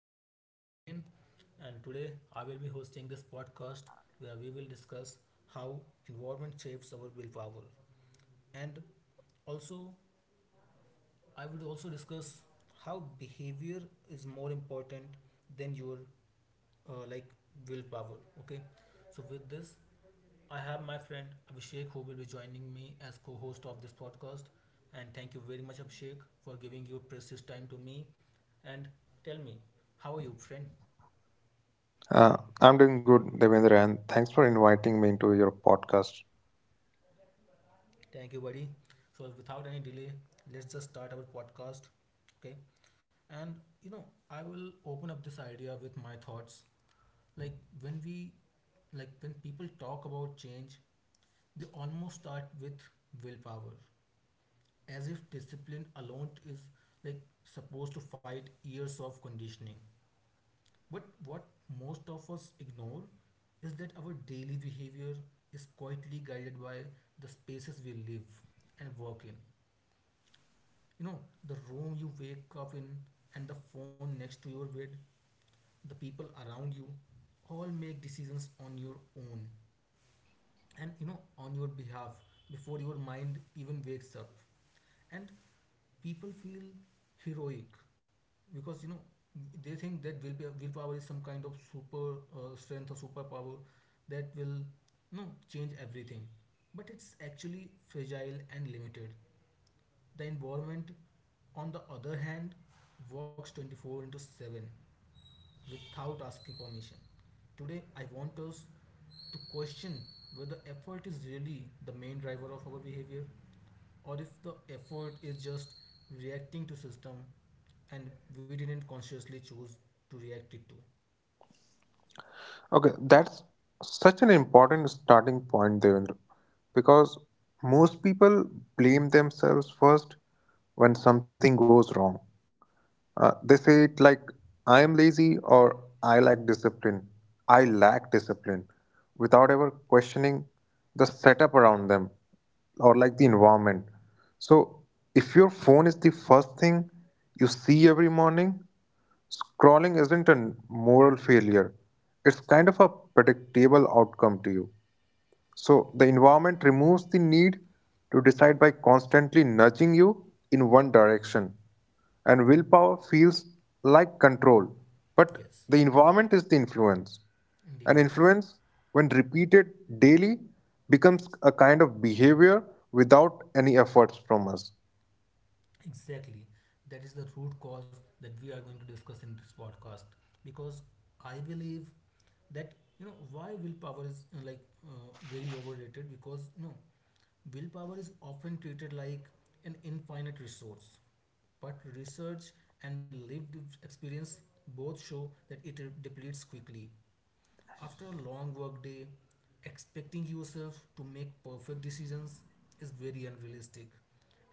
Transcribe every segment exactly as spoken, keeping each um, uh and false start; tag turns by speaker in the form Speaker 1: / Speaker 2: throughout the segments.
Speaker 1: This is Devendra again, and today I will be hosting this podcast where we will discuss how environment shapes our willpower, and also I would also discuss how behavior is more important than your uh, like willpower. Okay, so with this, I have my friend Abhishek, who will be joining me as co-host of this podcast. And thank you very much, Abhishek, for giving your precious time to me. And tell me, how are you, friend?
Speaker 2: Uh, I'm doing good, Devendra, and thanks for inviting me into your podcast.
Speaker 1: Thank you, buddy. So without any delay, let's just start our podcast. Okay, and you know, I will open up this idea with my thoughts. Like when we like when people talk about change, they almost start with willpower, as if discipline alone is like supposed to fight years of conditioning. But what most of us ignore is that our daily behavior is quietly guided by the spaces we live and work in. You know, the room you wake up in, and the phone next to your bed, the people around you, all make decisions on your own and you know on your behalf before your mind even wakes up. And people feel heroic because you know they think that will willpower is some kind of super uh, strength or superpower that will you know change everything, but it's actually fragile and limited. The environment, on the other hand, works twenty four into seven without asking permission. Today, I want us to question whether effort is really the main driver of our behavior, or if the effort is just reacting to system, and we didn't consciously choose to react it to.
Speaker 2: Okay, that's such an important starting point, Devendra, because most people blame themselves first when something goes wrong. Uh, they say it like I am lazy or I lack discipline. I lack discipline without ever questioning the setup around them or like the environment. So, if your phone is the first thing you see every morning, scrolling isn't a moral failure, it's kind of a predictable outcome to you. So the environment removes the need to decide by constantly nudging you in one direction. And willpower feels like control, but
Speaker 1: Yes.
Speaker 2: the environment is the influence. And
Speaker 1: Indeed.
Speaker 2: influence, when repeated daily, becomes a kind of behavior without any efforts from us.
Speaker 1: Exactly, that is the root cause that we are going to discuss in this podcast, because I believe that, you know why willpower is uh, like uh, very overrated, because you know willpower is often treated like an infinite resource, but research and lived experience both show that it depletes quickly. After a long work day, expecting yourself to make perfect decisions is very unrealistic.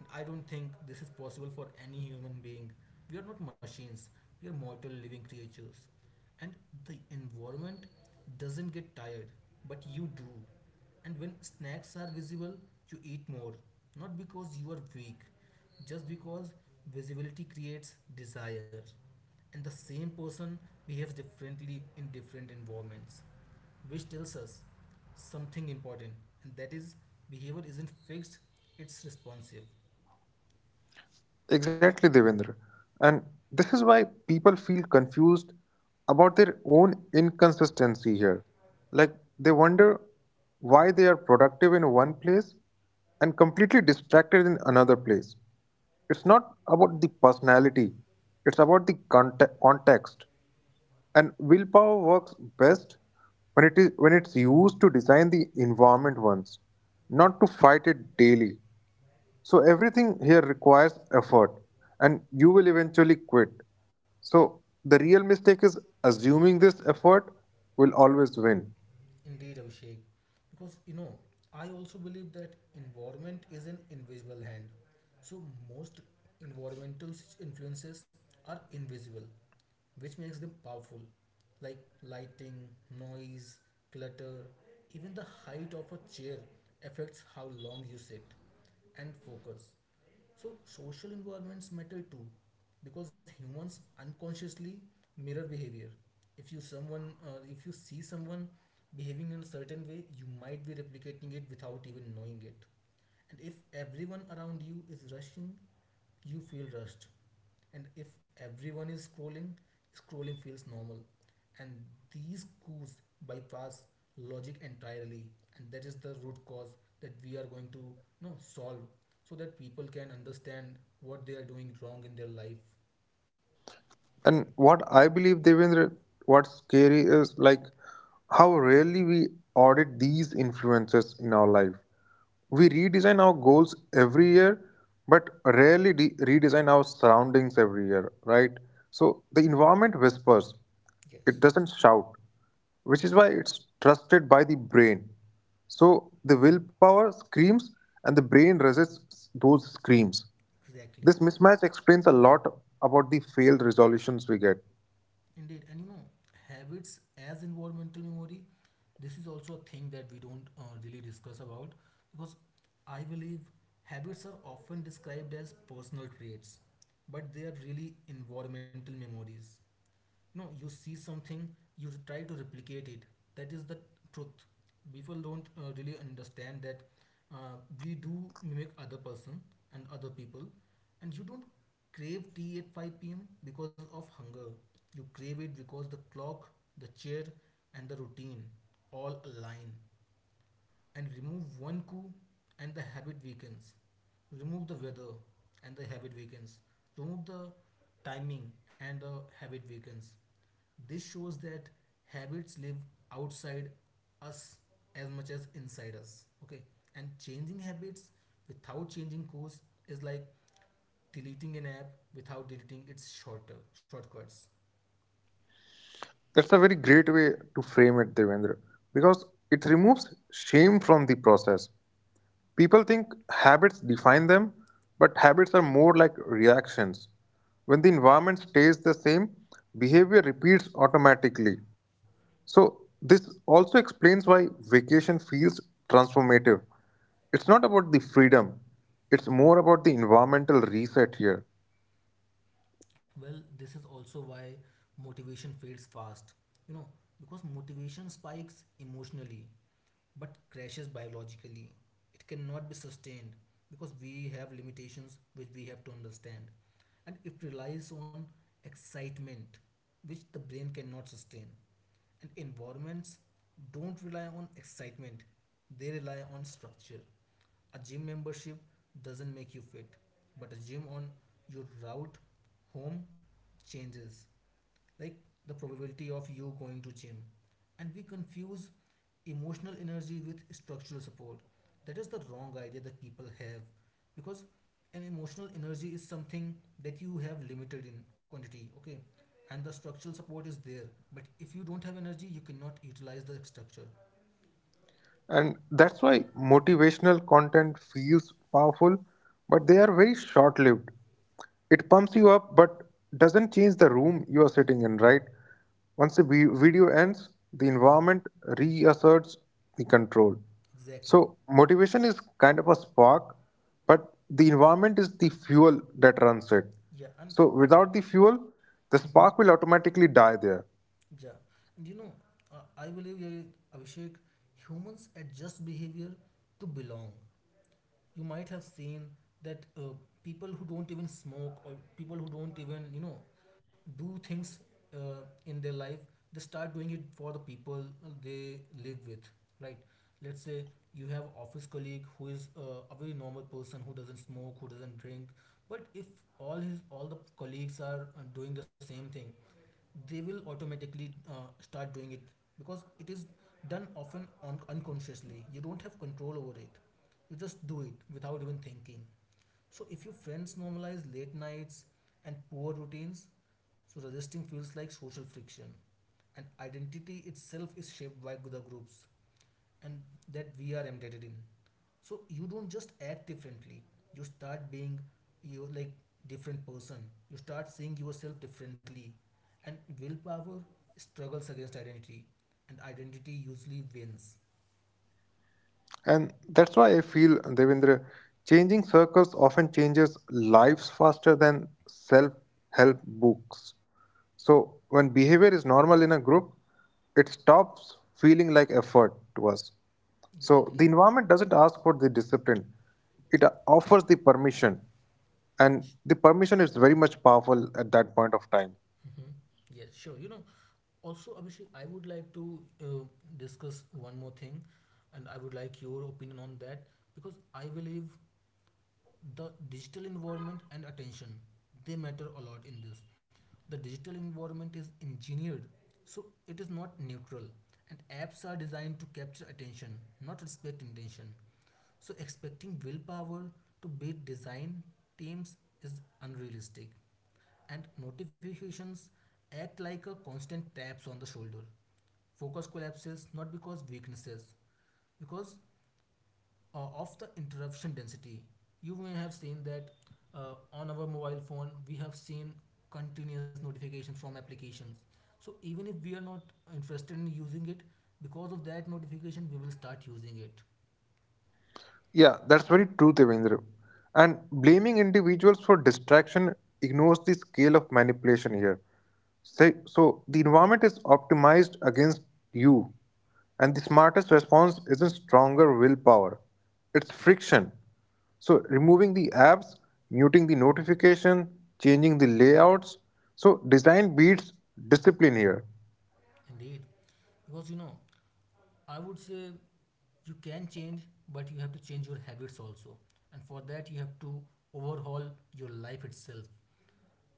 Speaker 1: And I don't think this is possible for any human being. We are not machines, we are mortal living creatures. And the environment doesn't get tired, but you do. And when snacks are visible, you eat more. Not because you are weak, just because visibility creates desire. And the same person behaves differently in different environments, which tells us something important, and that is, behavior isn't fixed, it's responsive.
Speaker 2: Exactly, Devendra. And this is why people feel confused about their own inconsistency here. Like they wonder why they are productive in one place and completely distracted in another place. It's not about the personality, it's about the conte- context. And willpower works best when it is when it's used to design the environment once, not to fight it daily. So everything here requires effort and you will eventually quit. So the real mistake is assuming this effort will always win.
Speaker 1: Indeed, Abhishek. Because, you know, I also believe that environment is an invisible hand. So most environmental s- influences are invisible, which makes them powerful, like lighting, noise, clutter, even the height of a chair affects how long you sit and focus. So social environments matter too, because humans unconsciously mirror behavior. If you someone, uh, if you see someone behaving in a certain way, you might be replicating it without even knowing it. And if everyone around you is rushing, you feel rushed. And if everyone is scrolling, scrolling feels normal. And these cues bypass logic entirely, and that is the root cause that we are going to you know solve, so that people can understand what they are doing wrong in their life.
Speaker 2: And what I believe, Devendra, what's scary is like how rarely we audit these influences in our life. We redesign our goals every year, but rarely de- redesign our surroundings every year, right? So the environment whispers,
Speaker 1: Yes,
Speaker 2: it doesn't shout, which is why it's trusted by the brain. So the willpower screams and the brain resists those screams.
Speaker 1: exactly.
Speaker 2: This mismatch explains a lot about the failed resolutions we get.
Speaker 1: Indeed, and you know, habits as environmental memory, this is also a thing that we don't uh, really discuss about, because I believe habits are often described as personal traits, but they are really environmental memories. No, you see something, you try to replicate it. That is the truth. People don't uh, really understand that uh, we do mimic other person and other people. And you don't crave tea at five p m because of hunger. You crave it because the clock, the chair, and the routine all align, and remove one coup and the habit weakens. Remove the weather and the habit weakens. Remove the timing and the habit weakens. This shows that habits live outside us as much as inside us. Okay, and changing habits without changing course is like deleting an app without deleting its shorter shortcuts.
Speaker 2: That's a very great way to frame it, Devendra, because it removes shame from the process. People think habits define them, but habits are more like reactions. When the environment stays the same, behavior repeats automatically. So, this also explains why vacation feels transformative. It's not about the freedom, it's more about the environmental reset here.
Speaker 1: Well, this is also why motivation fades fast. You know, because motivation spikes emotionally but crashes biologically. It cannot be sustained because we have limitations which we have to understand. And it relies on excitement, which the brain cannot sustain. And environments don't rely on excitement, they rely on structure. A gym membership doesn't make you fit, but a gym on your route home changes. Like, the probability of you going to gym. And we confuse emotional energy with structural support. That is the wrong idea that people have, because an emotional energy is something that you have limited in quantity, okay? And the structural support is there, but if you don't have energy, you cannot utilize the structure.
Speaker 2: And that's why motivational content feels powerful, but they are very short lived. It pumps you up, but doesn't change the room you are sitting in, right? Once the vi- video ends, the
Speaker 1: Yes,
Speaker 2: environment reasserts the control.
Speaker 1: exactly.
Speaker 2: So, motivation is kind of a spark, but the environment is the fuel that runs it.
Speaker 1: Yeah, and
Speaker 2: So, without the fuel, the spark will automatically die there.
Speaker 1: Yeah, and you know, uh, I believe, uh, Abhishek, humans adjust behavior to belong. You might have seen that, uh, people who don't even smoke, or people who don't even you know do things uh, in their life, they start doing it for the people they live with, right? Let's say you have office colleague who is, uh, a very normal person who doesn't smoke, who doesn't drink. But if all his all the colleagues are, uh, doing the same thing, they will automatically, uh, start doing it, because it is done often on unconsciously, you don't have control over it, you just do it without even thinking. So if your friends normalize late nights and poor routines, so resisting feels like social friction. And identity itself is shaped by the groups and that we are embedded in. So you don't just act differently. You start being you, like, different person. You start seeing yourself differently. And willpower struggles against identity. And identity usually wins.
Speaker 2: And that's why I feel, Devendra, changing circles often changes lives faster than self help books. So, when behavior is normal in a group, it stops feeling like effort to us. So, the
Speaker 1: Exactly.
Speaker 2: environment doesn't ask for the discipline, it uh, offers the permission. And the permission is very much powerful at that point of time.
Speaker 1: Hmm. Yes, sure. You know, Also, Abhishek, I would like to uh, discuss one more thing, and I would like your opinion on that, because I believe the digital environment and attention, they matter a lot in this. The digital environment is engineered, so it is not neutral, and apps are designed to capture attention, not respect intention. So expecting willpower to beat design teams is unrealistic, and notifications act like a constant taps on the shoulder. Focus collapses not because weaknesses, because uh, of the interruption density. You may have seen that, uh, on our mobile phone, we have seen continuous notifications from applications. So even if we are not interested in using it, because of that notification, we will start using it.
Speaker 2: Yeah, that's very true, Devendra. And blaming individuals for distraction ignores the scale of manipulation here. Say, so the environment is optimized against you, and the smartest response isn't stronger willpower, it's friction. So removing the apps, muting the notification, changing the layouts. So design beats discipline here.
Speaker 1: Indeed, because, you know, I would say you can change, but you have to change your habits also, and for that you have to overhaul your life itself.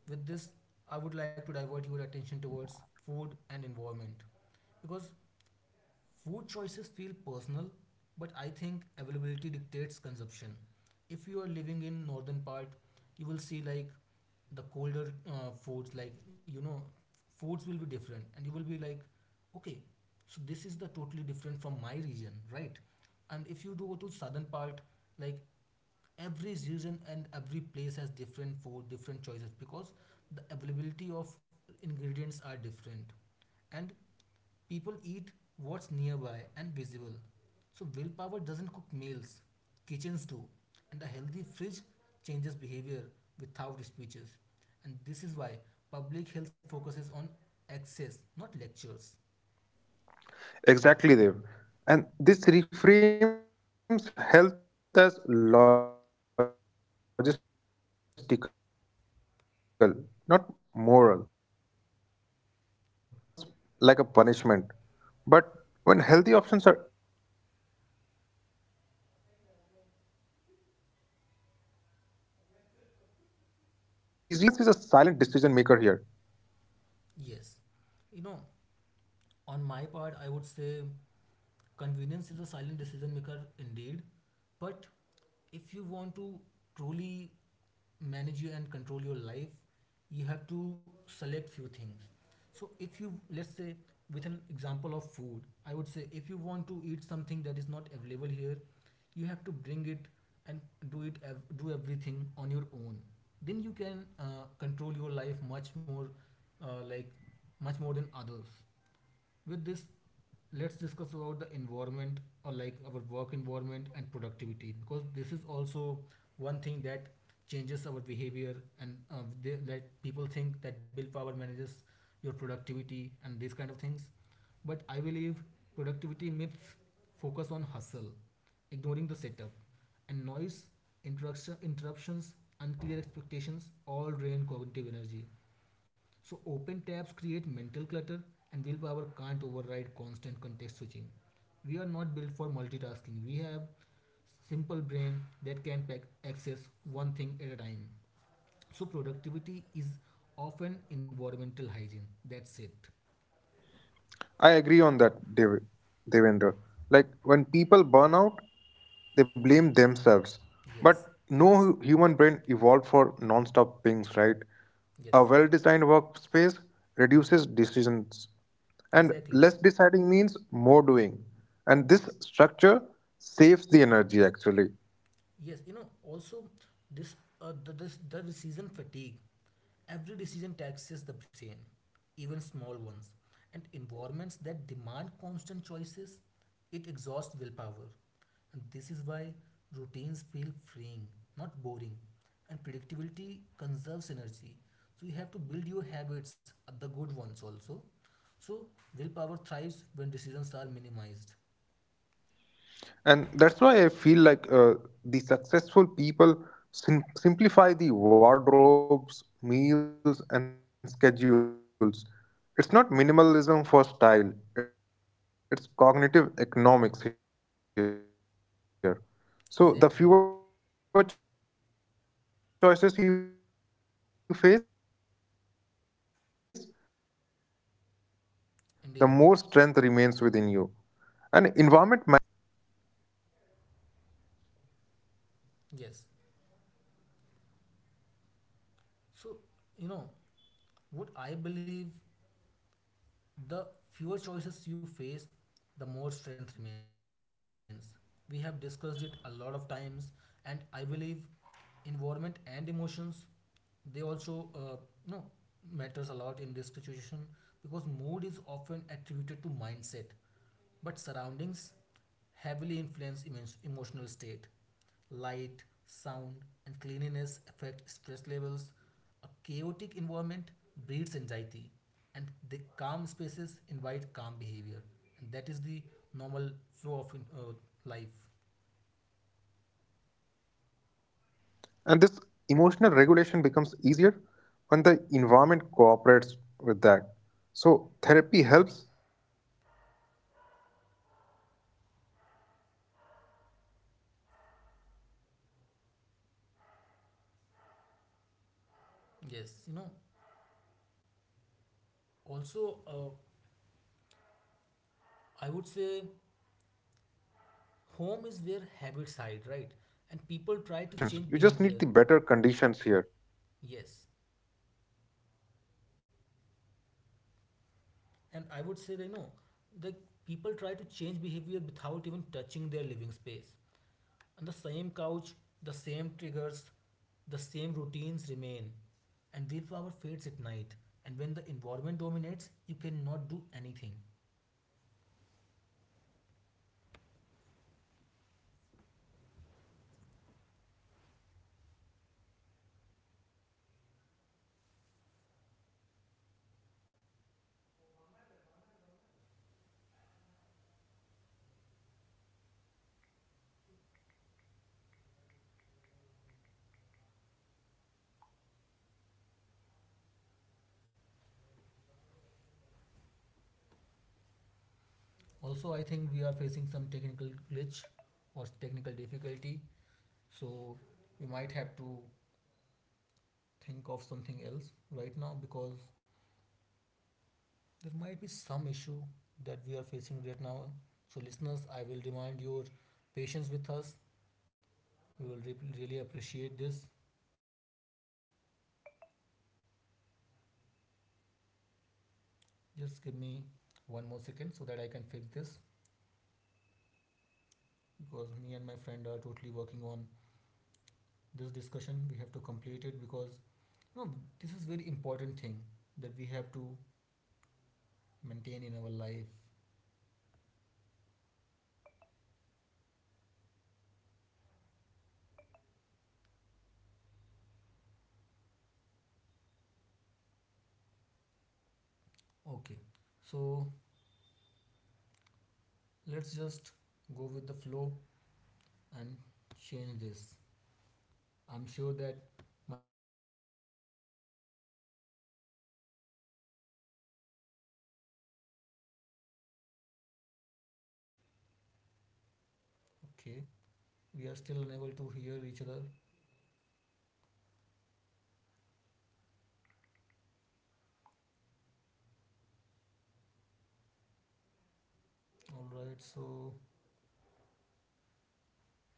Speaker 1: With this, I would like to divert your attention towards food and environment, because food choices feel personal, but I think availability dictates consumption. If you are living in northern part, you will see like the colder uh, foods, like, you know, foods will be different, and you will be like, okay, so this is the totally different from my region, right? And if you do go to southern part, like, every region and every place has different food, different choices, because the availability of ingredients are different. And people eat what's nearby and visible. So willpower doesn't cook meals, kitchens do. And a healthy fridge changes behavior without speeches. And this is why public health focuses on access, not lectures.
Speaker 2: Exactly, Dev. And this reframes health as logistical, not moral. So, when the junk is the default option, discipline becomes like a punishment. But when healthy options are easy, good behavior feels effortless to us. So, convenience is a silent decision maker here.
Speaker 1: Yes. You know, on my part, I would say convenience is a silent decision maker indeed, but if you want to truly manage you and control your life, you have to select few things. So if you, let's say, with an example of food, I would say if you want to eat something that is not available here, you have to bring it and do it ev- do everything on your own. Then you can, uh, control your life much more, uh, like much more than others. With this, let's discuss about the environment, or like our work environment and productivity, because this is also one thing that changes our behavior. And uh, they, like people think that willpower manages your productivity and these kind of things, but I believe productivity myths focus on hustle, ignoring the setup. And noise, interruption, interruptions, unclear expectations all drain cognitive energy. So open tabs create mental clutter, and willpower can't override constant context switching. We are not built for multitasking. We have simple brain that can pack access one thing at a time. So productivity is often environmental hygiene. That's it.
Speaker 2: I agree on that, Dev- Devendra. Like when people burn out, they blame themselves. But
Speaker 1: Yes,
Speaker 2: no hu- human brain evolved for non-stop pings, right? A
Speaker 1: yes,
Speaker 2: well-designed workspace reduces decisions, and
Speaker 1: exactly.
Speaker 2: less deciding means more doing. And this structure saves the energy actually.
Speaker 1: Yes, you know, also this uh, the, this the decision fatigue. Every decision taxes the brain, even small ones, and environments that demand constant choices, it exhausts willpower. And this is why routines feel freeing, not boring, and predictability conserves energy. So you have to build your habits, uh, the good ones also. So willpower thrives when decisions are minimized.
Speaker 2: And that's why I feel like uh, the successful people sim- simplify the wardrobes, meals, and schedules. It's not minimalism for style, it's cognitive economics here. So, the fewer choices you face, the more strength remains within you. And
Speaker 1: Exactly,
Speaker 2: environment manages this load.
Speaker 1: indeed. Yes. So, you know, would I believe the fewer choices you face, the more strength remains. We have discussed it a lot of times, and I believe environment and emotions, they also uh, you know matters a lot in this situation, because mood is often attributed to mindset, but surroundings heavily influence emo- emotional state. Light, sound, and cleanliness affect stress levels, a chaotic environment breeds anxiety, and the calm spaces invite calm behavior. And that is the normal flow of uh, life.
Speaker 2: And this emotional regulation becomes easier when the environment cooperates with that. So therapy helps, but so does the silence. You don't need better emotions, you just need the better conditions here. So feelings also follow this context.
Speaker 1: Yes, you know, also, uh, I would say home is where habits hide, right? And people try to change behavior. Yes. And I would say that, you know, the people try to change behavior without even touching their living space. On the same couch, the same triggers, the same routines remain, and willpower fades at night. And when the environment dominates, you cannot do anything.
Speaker 2: Yeah, so the home feels personal and so change feels intrusive. But without redesigning personal spaces, change stays theoretical. So environment isn't optional, it's foundational. And homes train behavior very silently.
Speaker 1: Also, I think we are facing some technical glitch or technical difficulty, so we might have to think of something else right now, because there might be some issue that we are facing right now. So, listeners, I will demand your patience with us. We will re- really appreciate this. Just give me one more second so that I can fix this, because me and my friend are totally working on this discussion. We have to complete it, because you know this is very important thing that we have to maintain in our life. Okay, so let's just go with the flow and change this. I'm sure that my friend Abhishek will agree onto this. Okay, we are still unable to hear each other. All right, so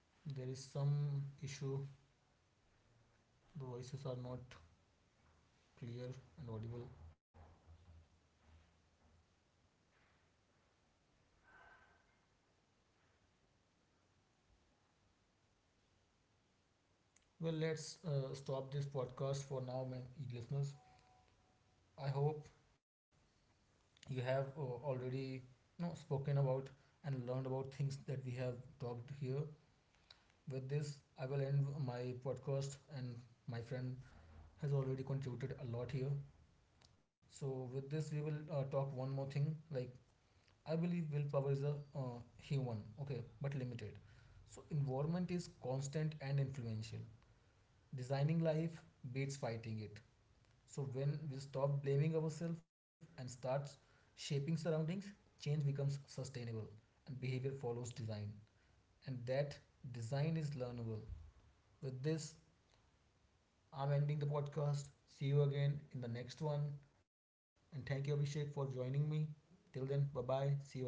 Speaker 2: And
Speaker 1: there is
Speaker 2: that's why they
Speaker 1: some
Speaker 2: are very
Speaker 1: issue.
Speaker 2: sustainable. No emotional
Speaker 1: The
Speaker 2: drama,
Speaker 1: voices are not
Speaker 2: no heroic effort,
Speaker 1: clear
Speaker 2: just
Speaker 1: and
Speaker 2: alignment.
Speaker 1: audible.
Speaker 2: So behavior follows least resistance and make the right action easier. So what do you feel about this, Devendra? Like, how do you say
Speaker 1: Well,
Speaker 2: about this?
Speaker 1: let's uh, stop this podcast for now, man, listeners. I hope you have uh, already you know, spoken about and learned about things that we have talked here. With this, I will end my podcast, and my friend has already contributed a lot here. So, with this, we will uh, talk one more thing. Like, I believe willpower is a uh, human, okay, but limited. So, environment is constant and influential. Designing life beats fighting it. So when we stop blaming ourselves and start shaping surroundings, change becomes sustainable and behavior follows design. And that design is learnable. With this, I'm ending the podcast. See you again in the next one. And thank you, Abhishek, for joining me. Till then, bye bye. See you again.